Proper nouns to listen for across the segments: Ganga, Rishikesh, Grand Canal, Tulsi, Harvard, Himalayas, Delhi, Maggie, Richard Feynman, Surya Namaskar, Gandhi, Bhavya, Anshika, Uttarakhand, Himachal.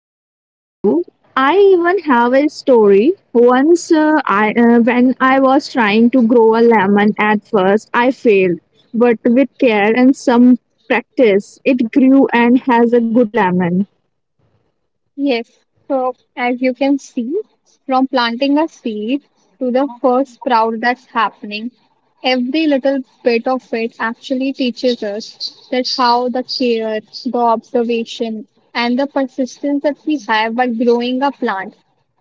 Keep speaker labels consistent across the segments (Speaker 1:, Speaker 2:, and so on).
Speaker 1: aligned with you. I even have a story. Once, I when I was trying to grow a lemon, at first I failed, but with care and some practice, it grew and has a good lemon.
Speaker 2: Yes, so as you can see, from planting a seed to the first sprout that's happening, every little bit of it actually teaches us that how the care, the observation, and the persistence that we have while growing a plant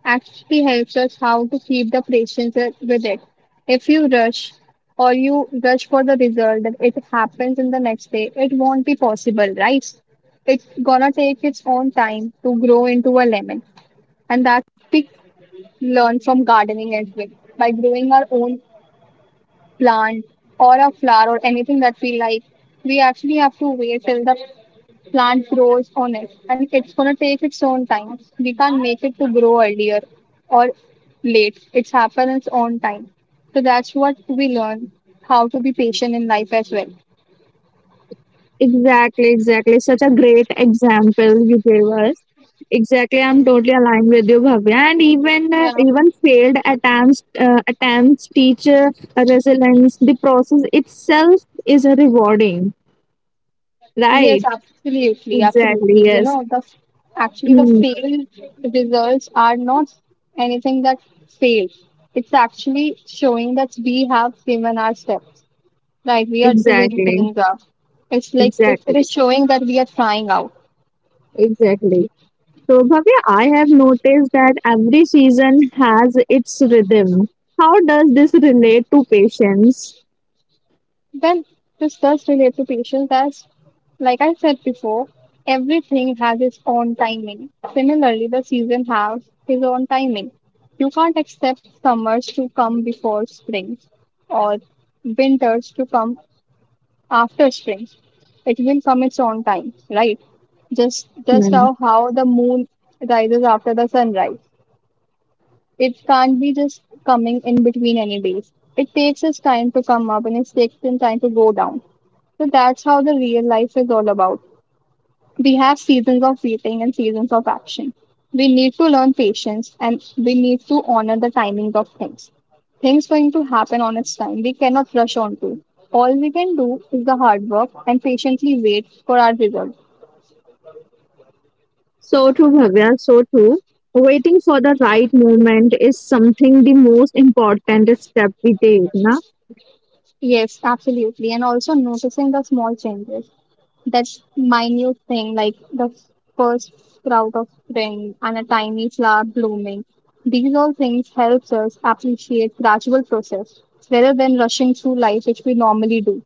Speaker 2: actually helps us how to keep the patience with it. If you rush or you rush for the result that it happens in the next day, it won't be possible, right? It's gonna take its own time to grow into a lemon. And that we learn from gardening as well. By growing our own plant or a flower or anything that we like, we actually have to wait till the plant grows on it. And it's gonna take its own time. We can't make it to grow earlier or late. It's happened its own time. So that's what we learn, how to be patient in life as well.
Speaker 1: Exactly, exactly. Such a great example you gave us. Exactly, I'm totally aligned with you, Bhavya. And even uh,
Speaker 2: Yeah.
Speaker 1: even failed attempts attempts teach resilience. The process itself is rewarding,
Speaker 2: Yes,
Speaker 1: right?
Speaker 2: absolutely,
Speaker 1: Exactly.
Speaker 2: absolutely. You
Speaker 1: Yes.
Speaker 2: know, the actually the
Speaker 1: Hmm.
Speaker 2: failed results are not anything that failed. It's actually showing that we have given our steps, right? We are doing
Speaker 1: Exactly.
Speaker 2: things up. It's like it
Speaker 1: Exactly.
Speaker 2: is showing that we are trying out.
Speaker 1: Exactly. So, Bhavya, I have noticed that every season has its rhythm. How does this relate to patience?
Speaker 2: Well, this does relate to patience as, like I said before, everything has its own timing. Similarly, the season has its own timing. You can't expect summers to come before springs or winters to come after springs. It will come its own time, right? Just
Speaker 1: Hmm.
Speaker 2: how the moon rises after the sunrise. It can't be just coming in between any days. It takes its time to come up and it takes its time to go down. So that's how the real life is all about. We have seasons of waiting and seasons of action. We need to learn patience and we need to honor the timing of things. Things going to happen on its time. We cannot rush on to. All we can do is the hard work and patiently wait for our result.
Speaker 1: So true, Bhavya, so true. Waiting for the right moment is something the most important step we take. Na?
Speaker 2: Yes, absolutely. And also noticing the small changes. That minute thing, like the first sprout of spring and a tiny flower blooming. These all things helps us appreciate gradual process rather than rushing through life, which we normally do.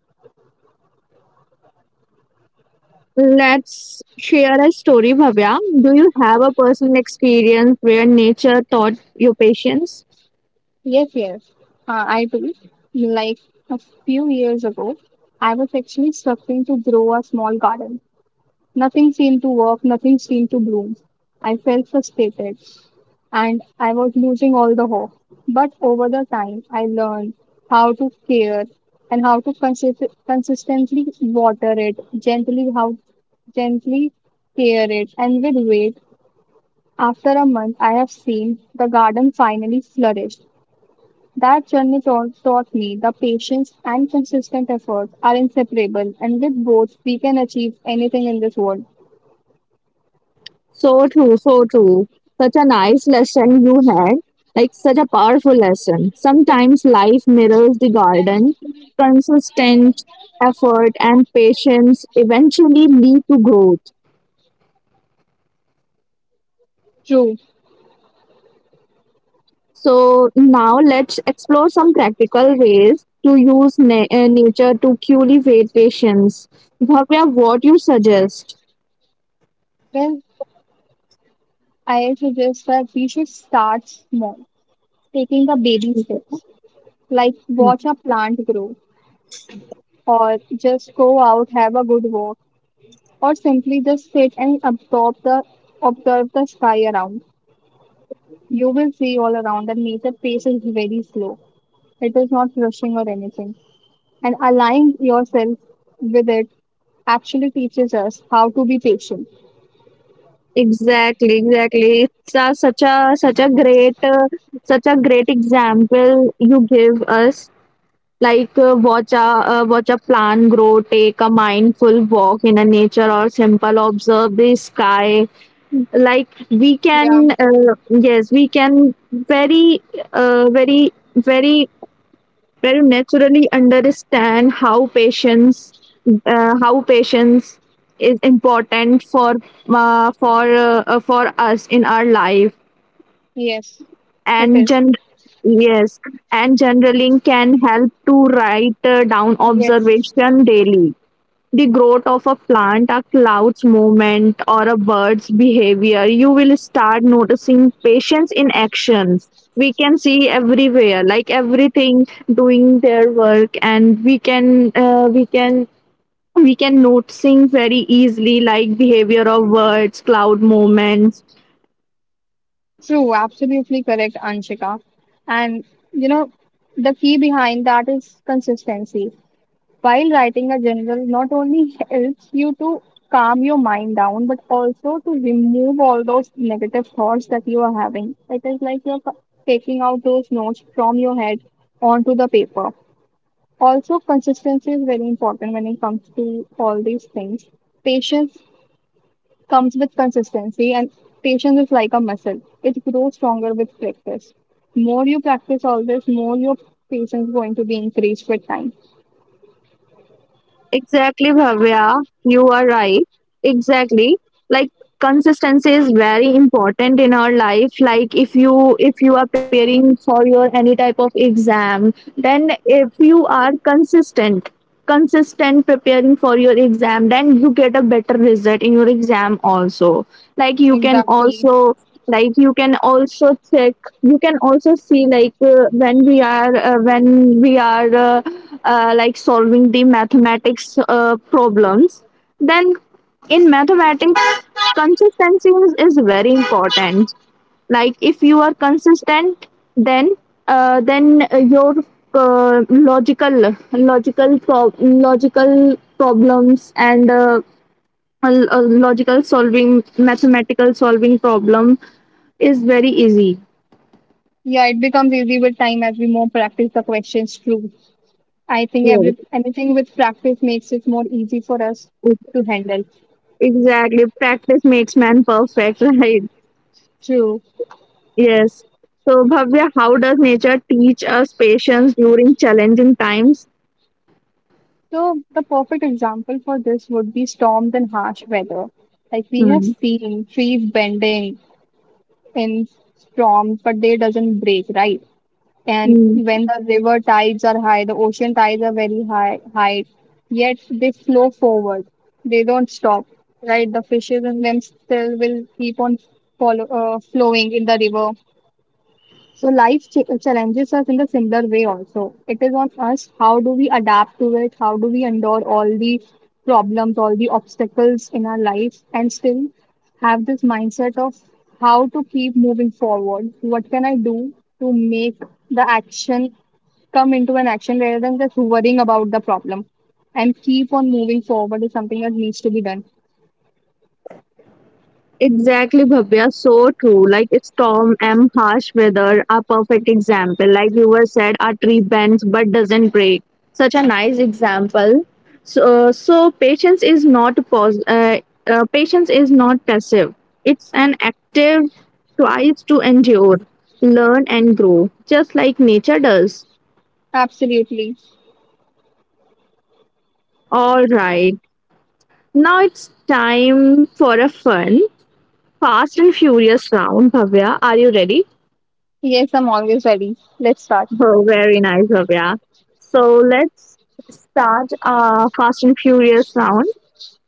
Speaker 1: Let's share a story, Bhavya. Do you have a personal experience where nature taught you patience?
Speaker 2: Yes, yes, I do. Like a few years ago, I was actually struggling to grow a small garden. Nothing seemed to work, nothing seemed to bloom. I felt frustrated and I was losing all the hope. But over the time, I learned how to care and how to consistently water it, gently how gently care it, and with wait. After a month, I have seen the garden finally flourish. That journey taught me that patience and consistent effort are inseparable, and with both, we can achieve anything in this world.
Speaker 1: So true, so true. Such a nice lesson you had, like such a powerful lesson. Sometimes life mirrors the garden. Consistent effort and patience eventually lead to growth.
Speaker 2: True.
Speaker 1: So now let's explore some practical ways to use nature to cultivate patience. Bhavya, what you suggest?
Speaker 2: Well, I suggest that we should start small, taking the baby steps, like watch a plant grow, or just go out, have a good walk, or simply just sit and absorb the observe the sky around. You will see all around that nature pace is very slow. It is not rushing or anything. And aligning yourself with it actually teaches us how to be patient.
Speaker 1: Exactly, exactly. It's a, such a such a great Such a great example you give us. Like watch a plant grow, take a mindful walk in a nature, or simple observe the sky. Like we
Speaker 2: Yeah,
Speaker 1: can, yes, we can very, very very where you naturally understand how patience how patience is important for for us in our life
Speaker 2: yes, it
Speaker 1: and
Speaker 2: is.
Speaker 1: gen- yes and journaling can help to write down
Speaker 2: Yes.
Speaker 1: observation daily, the growth of a plant, a cloud's movement, or a bird's behavior, you will start noticing patience in actions. We can see everywhere, like everything doing their work, and we can noticing very easily like behavior of birds, cloud movements.
Speaker 2: True, absolutely correct, Anshika. And you know, the key behind that is consistency. While writing a journal, not only helps you to calm your mind down, but also to remove all those negative thoughts that you are having. It is like taking out those notes from your head onto the paper. Also, consistency is very important when it comes to all these things. Patience comes with consistency, and patience is like a muscle. It grows stronger with practice. More you practice all this, more your patience is going to be increased with time.
Speaker 1: Exactly, Bhavya. You are right. Exactly. Like consistency is very important in our life. Like if you are preparing for your any type of exam, then if you are consistent, consistent preparing for your exam, then you get a better result in your exam also. Like you can
Speaker 2: Exactly.
Speaker 1: also like you can also check, you can also see like when we are like solving the mathematics problems, then in mathematics consistency is very important. Like if you are consistent, then your logical problems and logical solving mathematical solving problem is very easy.
Speaker 2: Yeah, it becomes easy with time as we more practice the questions through. I think
Speaker 1: Yes,
Speaker 2: every anything with practice makes it more easy for us to handle.
Speaker 1: exactly, practice makes man perfect, right?
Speaker 2: True.
Speaker 1: Yes. So, Bhavya, how does nature teach us patience during challenging times?
Speaker 2: So the perfect example for this would be storms and harsh weather. Like we have
Speaker 1: Hmm.
Speaker 2: seen trees bending in storms, but they doesn't break, right? And
Speaker 1: Hmm.
Speaker 2: when the river tides are high, the ocean tides are very high, yet they flow forward. They don't stop, right? The fishes in them still will keep on flowing in the river. So life challenges us in the similar way also. It is on us how do we adapt to it, how do we endure all the problems, all the obstacles in our life, and still have this mindset of how to keep moving forward. What can I do to make the action come into an action rather than just worrying about the problem and keep on moving forward is something that needs to be done.
Speaker 1: Exactly, Bhavya. So true. Like storm and harsh weather are perfect example. Like you were said, a tree bends but doesn't break. Such a nice example. So, patience is not passive. It's an active tries to endure, learn and grow, just like nature does.
Speaker 2: Absolutely.
Speaker 1: All right. Now it's time for a fun, fast and furious round. Bhavya, are you ready?
Speaker 2: Yes, I'm always ready. Let's start.
Speaker 1: Oh, very nice, Bhavya. So let's start fast and furious round.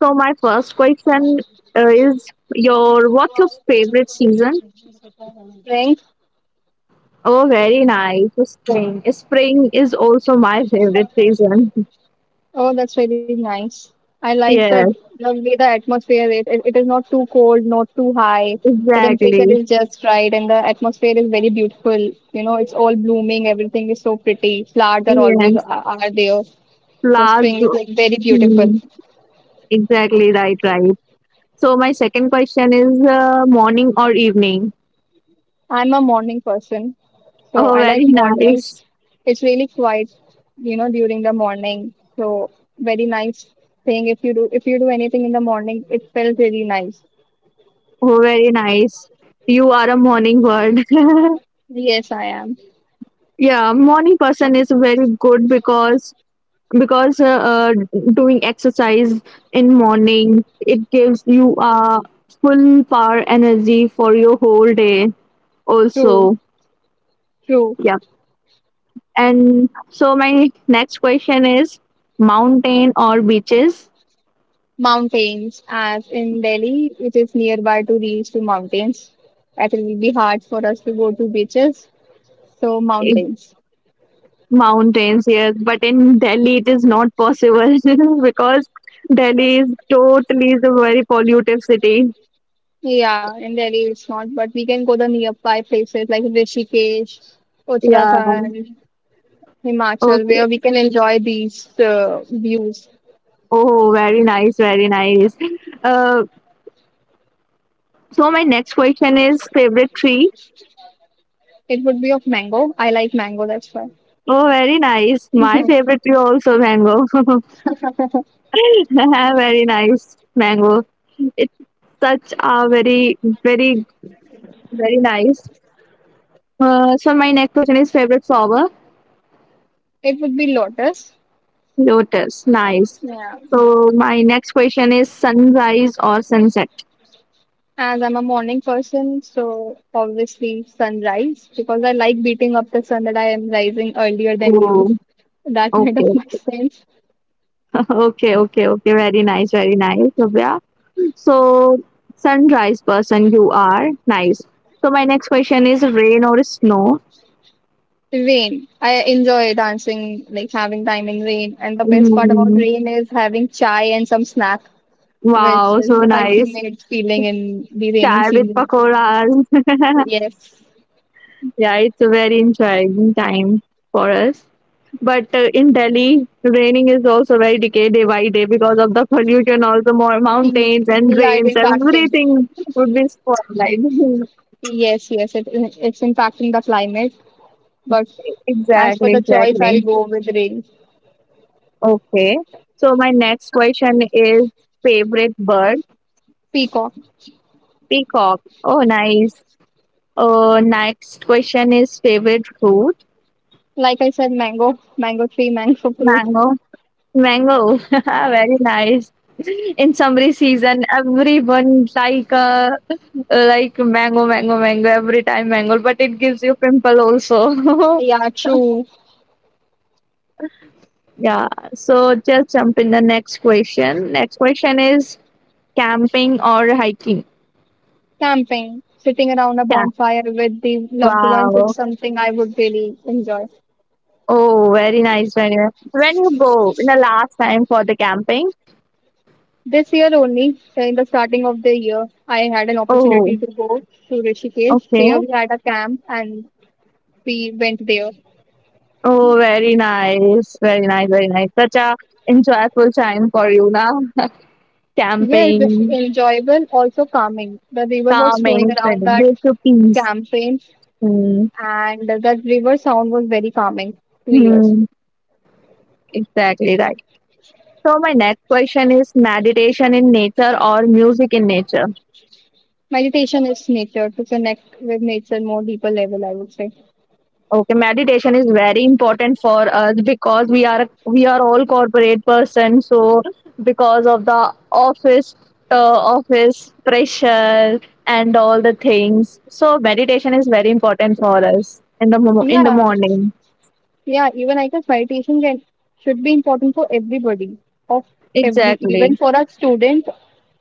Speaker 1: So my first question is your what's your favorite season?
Speaker 2: Strength.
Speaker 1: Oh, very nice. Spring. Spring is also my favorite season.
Speaker 2: Oh, that's really nice. I like that
Speaker 1: Yes,
Speaker 2: the way the atmosphere is. It is not too cold, not too high. The temperature
Speaker 1: exactly.
Speaker 2: is just right, and the atmosphere is very beautiful. You know, it's all blooming. Everything is so pretty. Flowers
Speaker 1: Yes,
Speaker 2: are there. So
Speaker 1: flowers.
Speaker 2: spring is like very beautiful.
Speaker 1: Hmm. Exactly, right, right. So my second question is morning or evening?
Speaker 2: I'm a morning person, so
Speaker 1: Oh,
Speaker 2: I like
Speaker 1: very
Speaker 2: mornings.
Speaker 1: nice.
Speaker 2: It's really quiet, you know, during the morning. So very nice thing if you do anything in the morning, it felt really nice.
Speaker 1: Oh, very nice. You are a morning bird.
Speaker 2: Yes, I am.
Speaker 1: Yeah, morning person is very good, because because uh, uh, doing exercise in morning it gives you a full power energy for your whole day.
Speaker 2: True,
Speaker 1: Also,
Speaker 2: true.
Speaker 1: yeah. And so my next question is mountain or beaches?
Speaker 2: Mountains, as in Delhi, it is nearby to reach to mountains. It will be hard for us to go to beaches, so mountains.
Speaker 1: Mountains, yes, but in Delhi it is not possible because Delhi is totally the very pollutive city.
Speaker 2: Yeah, in Delhi it's not, but we can go the nearby places like Rishikesh,
Speaker 1: Yeah.
Speaker 2: Uttarakhand. Himachal,
Speaker 1: Okay.
Speaker 2: where we can enjoy these views.
Speaker 1: Oh, very nice, very nice. Uh, so my next question is favorite tree.
Speaker 2: It would be of mango. I like mango, that's why.
Speaker 1: Oh, very nice. My favorite tree also mango. Very nice mango. It's such a very, very, very nice. So my next question is favorite flower.
Speaker 2: It would be lotus.
Speaker 1: Lotus, nice.
Speaker 2: Yeah.
Speaker 1: So my next question is sunrise or sunset?
Speaker 2: As I'm a morning person, so obviously sunrise, because I like beating up the sun that I am rising earlier than you.
Speaker 1: Oh,
Speaker 2: That kind of
Speaker 1: okay,
Speaker 2: makes sense.
Speaker 1: okay, okay, okay. Very nice, Divya. So sunrise person you are, nice. So my next question is rain or snow?
Speaker 2: Rain. I enjoy dancing, like having time in rain. And the best part about
Speaker 1: Mm,
Speaker 2: rain is having chai and some snack, which
Speaker 1: wow, so
Speaker 2: is
Speaker 1: nice.
Speaker 2: ultimate feeling in the raining
Speaker 1: Chai with
Speaker 2: season.
Speaker 1: pakoras.
Speaker 2: Yes,
Speaker 1: Yeah, it's a very enjoying time for us. But in Delhi, raining is also very decay day by day, because of the pollution, also more
Speaker 2: the
Speaker 1: mountains and
Speaker 2: the idle
Speaker 1: rains,
Speaker 2: impacting.
Speaker 1: everything would be spotlight.
Speaker 2: Yes, yes, it's impacting the climate. But as for
Speaker 1: Exactly,
Speaker 2: the choice,
Speaker 1: exactly.
Speaker 2: I'll go with rain.
Speaker 1: Okay. So my next question is favorite bird?
Speaker 2: Peacock.
Speaker 1: Peacock. Oh, nice. Next question is favorite fruit?
Speaker 2: Like I said, mango, mango tree, mango fruit.
Speaker 1: Mango. Mango, very nice. In summer season, everyone like mango, mango, mango. Every time mango, but it gives you pimple also.
Speaker 2: Yeah, true.
Speaker 1: Yeah. So just jump in the next question. Next question is camping or hiking.
Speaker 2: Camping, sitting around a
Speaker 1: Yeah.
Speaker 2: bonfire with the loved ones is
Speaker 1: Wow.
Speaker 2: something I would really enjoy.
Speaker 1: Oh, very nice. Very nice. When you go in the last time for the camping?
Speaker 2: This year only, in the starting of the year, I had an opportunity
Speaker 1: Oh,
Speaker 2: to go to Rishikesh.
Speaker 1: okay.
Speaker 2: There we had a camp and we went there.
Speaker 1: Oh, very nice. Very nice. Very nice. Such a enjoyable time for you now.
Speaker 2: Yeah, it's
Speaker 1: Camping,
Speaker 2: enjoyable, also calming. The river was flowing
Speaker 1: calming,
Speaker 2: around
Speaker 1: finding
Speaker 2: that
Speaker 1: way to peace.
Speaker 2: campaign,
Speaker 1: Hmm.
Speaker 2: and that river sound was very calming to ears.
Speaker 1: Mm. Exactly, right. So my next question is meditation in nature or music in nature.
Speaker 2: Meditation is nature to connect with nature more deeper level, I would say.
Speaker 1: Okay, meditation is very important for us because we are all corporate person. So because of the office pressure and all the things, so meditation is very important for us in the
Speaker 2: Yeah,
Speaker 1: morning.
Speaker 2: yeah. Even I guess meditation can should be important for everybody, of every even
Speaker 1: Exactly.
Speaker 2: for a student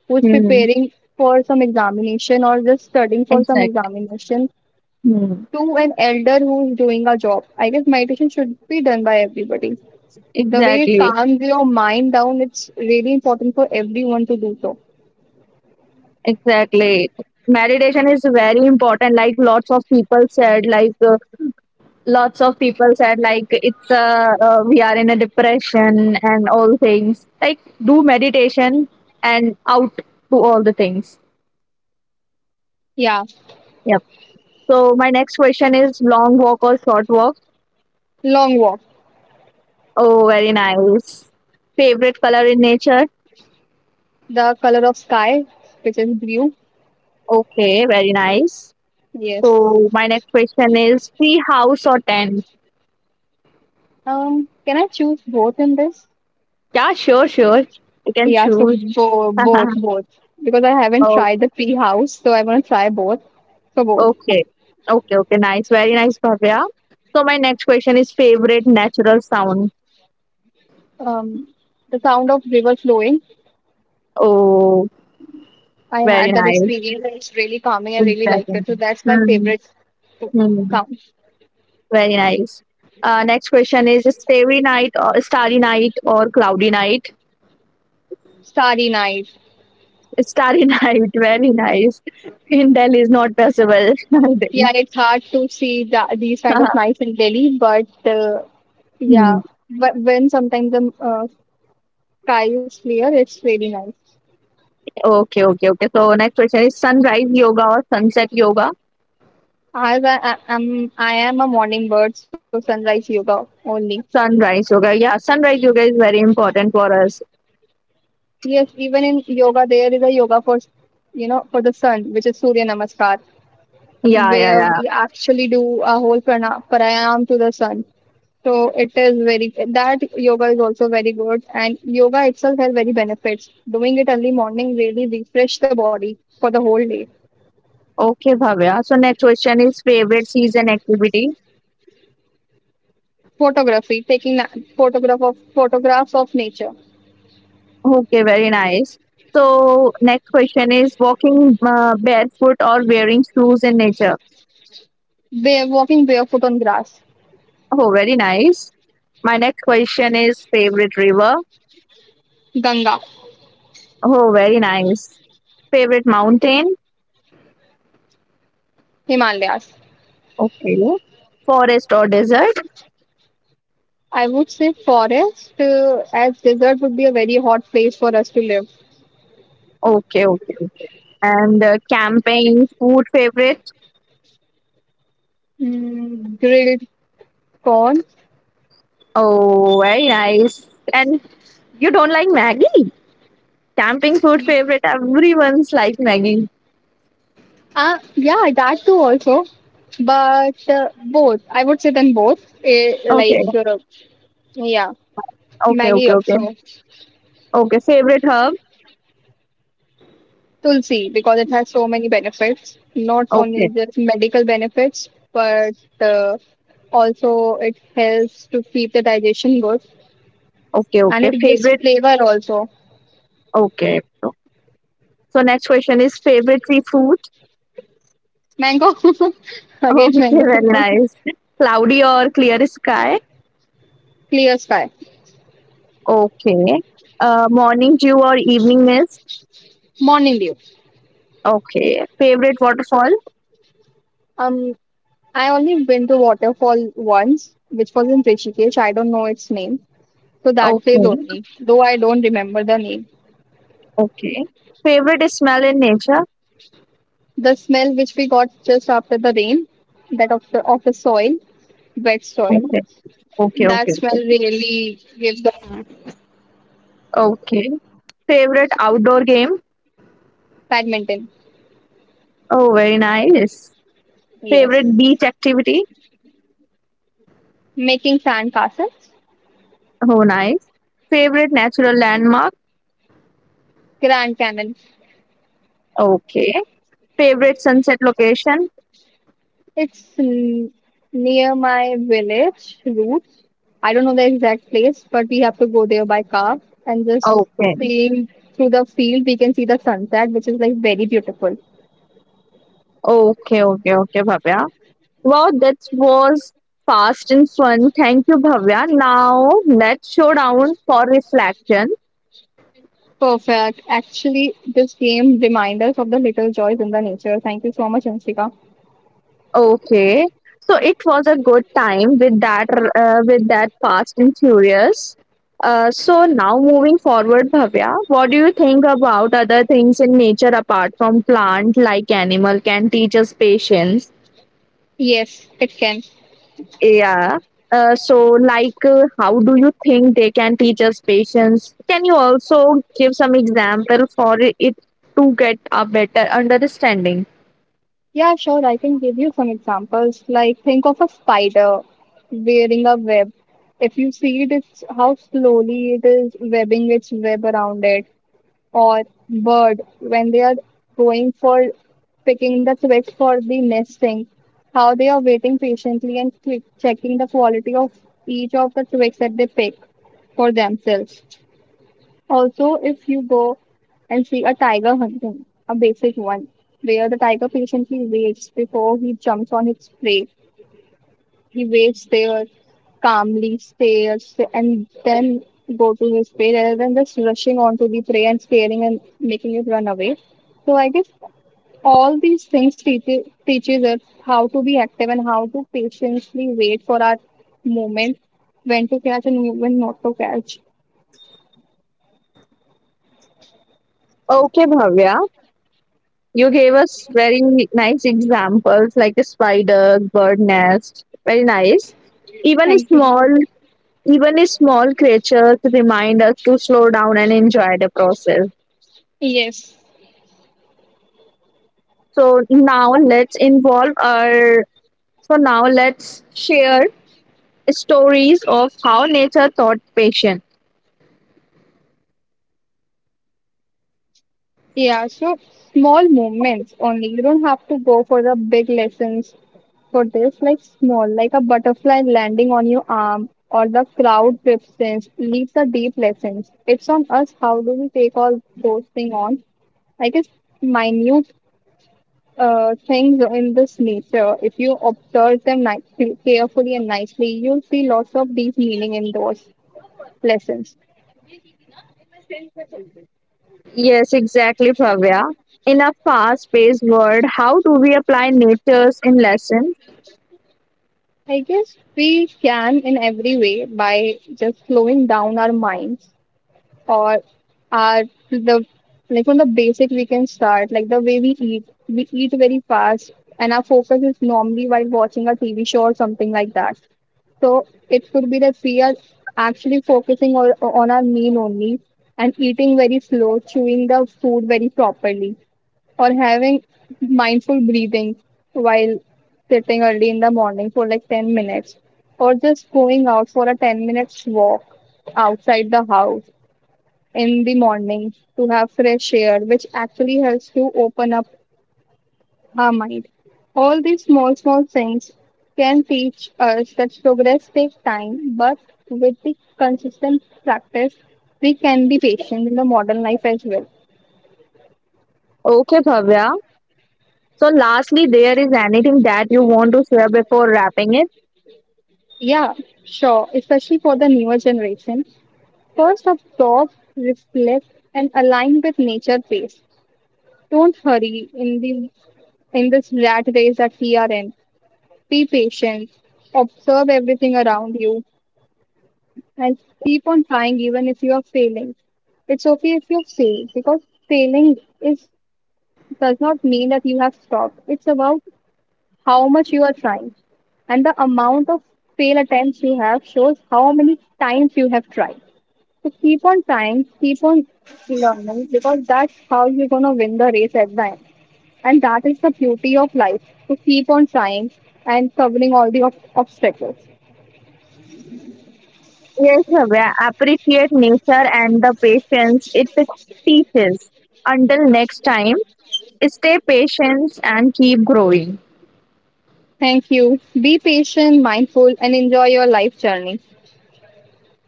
Speaker 2: who's
Speaker 1: Hmm.
Speaker 2: preparing for some examination or just studying for some
Speaker 1: Exactly.
Speaker 2: examination.
Speaker 1: Hmm.
Speaker 2: To an elder who's doing a job. I guess meditation should be done by everybody. The way it
Speaker 1: Exactly,
Speaker 2: calms your mind down, it's really important for everyone to do so.
Speaker 1: exactly. Meditation is very important. Like lots of people said, like it's we are in a depression and all things. Like do meditation and out to all the things.
Speaker 2: Yeah,
Speaker 1: Yep. So my next question is long walk or short walk?
Speaker 2: long walk.
Speaker 1: Oh, very nice. Favorite color in nature?
Speaker 2: The color of sky, which is blue.
Speaker 1: Okay, very nice.
Speaker 2: Yes.
Speaker 1: So my next question is free house or tent?
Speaker 2: Can I choose both in this?
Speaker 1: Yeah, sure, sure. You can
Speaker 2: Yeah, so
Speaker 1: choose.
Speaker 2: both, both. Because I haven't
Speaker 1: Oh,
Speaker 2: tried the tree house, so I want to try both. So both.
Speaker 1: okay. Okay, okay, nice. Very nice, Bhavya. So my next question is favorite natural sound.
Speaker 2: Um, the sound of river flowing.
Speaker 1: Oh,
Speaker 2: I
Speaker 1: very
Speaker 2: had that
Speaker 1: nice.
Speaker 2: experience and it's really calming. I really liked
Speaker 1: Exactly.
Speaker 2: it. So that's my
Speaker 1: Hmm.
Speaker 2: favorite
Speaker 1: Hmm.
Speaker 2: sound.
Speaker 1: Very nice. Next question is starry night or cloudy night?
Speaker 2: Starry night.
Speaker 1: Starry night, very nice. In Delhi is not possible, I
Speaker 2: Yeah,
Speaker 1: think.
Speaker 2: it's hard to see that, these kind of nights in Delhi, but
Speaker 1: Hmm.
Speaker 2: yeah, but when sometimes the sky is clear, it's really nice.
Speaker 1: Okay, okay, okay. So next question is sunrise yoga or sunset yoga?
Speaker 2: As I am a morning bird, so sunrise yoga only.
Speaker 1: Sunrise yoga. Yeah, sunrise yoga is very important for us.
Speaker 2: Yes, even in yoga, there is a yoga for, you know, for the sun, which is Surya Namaskar.
Speaker 1: Yeah, yeah,
Speaker 2: Where
Speaker 1: yeah.
Speaker 2: we actually do a whole pranayam to the sun. So it is very that yoga is also very good, and yoga itself has very benefits. Doing it early morning really refresh the body for the whole day.
Speaker 1: Okay, Bhavya. So next question is favorite season activity.
Speaker 2: Photography, taking photographs of nature.
Speaker 1: Okay, very nice. So next question is walking barefoot or wearing shoes in nature.
Speaker 2: Bare, walking barefoot on grass.
Speaker 1: Oh, very nice. My next question is favorite river.
Speaker 2: Ganga.
Speaker 1: Oh, very nice. Favorite mountain.
Speaker 2: Himalayas.
Speaker 1: Okay. Forest or desert.
Speaker 2: I would say forest as desert would be a very hot place for us to live.
Speaker 1: Okay, okay, okay. And camping, food favorite.
Speaker 2: Mm, grilled corn.
Speaker 1: Oh, very nice. And you don't like Maggie? Camping food favorite everyone's like Maggie.
Speaker 2: Yeah, that too also, but both. I would say then both.
Speaker 1: Okay,
Speaker 2: Yeah,
Speaker 1: okay,
Speaker 2: Maggie
Speaker 1: okay,
Speaker 2: also.
Speaker 1: okay. Okay, favorite herb.
Speaker 2: Tulsi because it has so many benefits. Not only
Speaker 1: Okay,
Speaker 2: just medical benefits, but uh, also it helps to keep the digestion good
Speaker 1: okay,
Speaker 2: and
Speaker 1: okay.
Speaker 2: it gives
Speaker 1: Favorite.
Speaker 2: flavor also.
Speaker 1: Okay. So next question is favorite seafood.
Speaker 2: Mango again,
Speaker 1: Okay,
Speaker 2: mango.
Speaker 1: very nice. Cloudy or clear sky.
Speaker 2: Clear sky,
Speaker 1: Okay. Morning dew or evening mist.
Speaker 2: morning dew.
Speaker 1: Okay. Favorite waterfall.
Speaker 2: Um, I only been to waterfall once, which was in Rishikesh. I don't know its name, so that place
Speaker 1: Okay,
Speaker 2: only. Though I don't remember the name.
Speaker 1: okay. Favorite smell in nature.
Speaker 2: The smell which we got just after the rain, that of the soil, wet soil,
Speaker 1: Okay, okay,
Speaker 2: that
Speaker 1: okay,
Speaker 2: smell
Speaker 1: okay.
Speaker 2: really gives the
Speaker 1: Okay. Favorite outdoor game.
Speaker 2: badminton.
Speaker 1: Oh, very nice.
Speaker 2: Yes,
Speaker 1: Favorite beach activity?
Speaker 2: making sand castles.
Speaker 1: Oh, nice. Favorite natural landmark?
Speaker 2: Grand Canal.
Speaker 1: Okay. Favorite sunset location?
Speaker 2: It's n near my village roots. I don't know the exact place, but we have to go there by car and just
Speaker 1: Okay.
Speaker 2: seeing through the field, we can see the sunset, which is like very beautiful.
Speaker 1: Okay, okay, okay, Bhavya. Wow, that was fast and fun. Thank you, Bhavya. Now, let's show down for reflection.
Speaker 2: Perfect. Actually, this game reminds us of the little joys in the nature. Thank you so much, Ansika.
Speaker 1: Okay. So it was a good time with that Fast and Furious. So now moving forward, Bhavya, what do you think about other things in nature apart from plant, like animal can teach us patience?
Speaker 2: Yes, it can.
Speaker 1: Yeah. So like how do you think they can teach us patience? Can you also give some example for it to get a better understanding?
Speaker 2: Yeah, sure. I can give you some examples. Like, think of a spider wearing a web. If you see it, it's how slowly it is webbing its web around it. Or bird when they are going for picking the twigs for the nesting, how they are waiting patiently and click, checking the quality of each of the twigs that they pick for themselves. Also, if you go and see a tiger hunting, a basic one, where the tiger patiently waits before he jumps on its prey, he waits there, calmly stares, and then go to his prey rather than just rushing onto the prey and scaring and making it run away. So I guess all these things teaches us how to be active and how to patiently wait for our moment, when to catch and when not to catch.
Speaker 1: Okay, Bhavya. You gave us very nice examples like a spider, bird nest. Very nice. Even a
Speaker 2: Thank you.
Speaker 1: small, even a small creatures remind us to slow down and enjoy the process.
Speaker 2: Yes.
Speaker 1: So now let's involve our. So now let's share stories of how nature taught patience.
Speaker 2: Yeah, so small movements only. You don't have to go for the big lessons for this, like small, like a butterfly landing on your arm or the crowd preference leaves the deep lessons. It's on us how do we take all those things on. I guess minute things in this nature, if you observe them carefully and nicely, you'll see lots of deep meaning in those lessons.
Speaker 1: Yes, exactly, Bhavya. In a fast-paced world, how do we apply nature's in lessons?
Speaker 2: I guess we can in every way by just slowing down our minds or our the like from the basic we can start, like the way we eat, we eat very fast and our focus is normally while watching a TV show or something like that. So it could be that we are actually focusing on our meal only and eating very slow, chewing the food very properly, or having mindful breathing while sitting early in the morning for like 10 minutes, or just going out for a 10 minutes walk outside the house in the morning to have fresh air, which actually helps to open up our mind. All these small, small things can teach us that progress takes time, but with the consistent practice, we can be patient in the modern life as well.
Speaker 1: Okay, Bhavya. So, lastly, there is anything that you want to share before wrapping it?
Speaker 2: Yeah, sure, especially for the newer generation. First, absorb, reflect, and align with nature pace. Don't hurry in the in this rat race that we are in. Be patient, observe everything around you, and keep on trying even if you are failing. It's okay if you fail because failing is does not mean that you have stopped. It's about how much you are trying, and the amount of fail attempts you have shows how many times you have tried. So keep on trying, keep on learning because that's how you're gonna win the race at the end. And that is the beauty of life to keep on trying and covering all the obstacles.
Speaker 1: Yes, Bhavya. Appreciate nature and the patience it teaches. Until next time, stay patient and keep growing.
Speaker 2: Thank you. Be patient, mindful, and enjoy your life journey.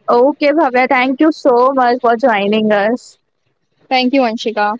Speaker 1: Okay, Bhavya. Thank you so much for joining us.
Speaker 2: Thank you, Anshika.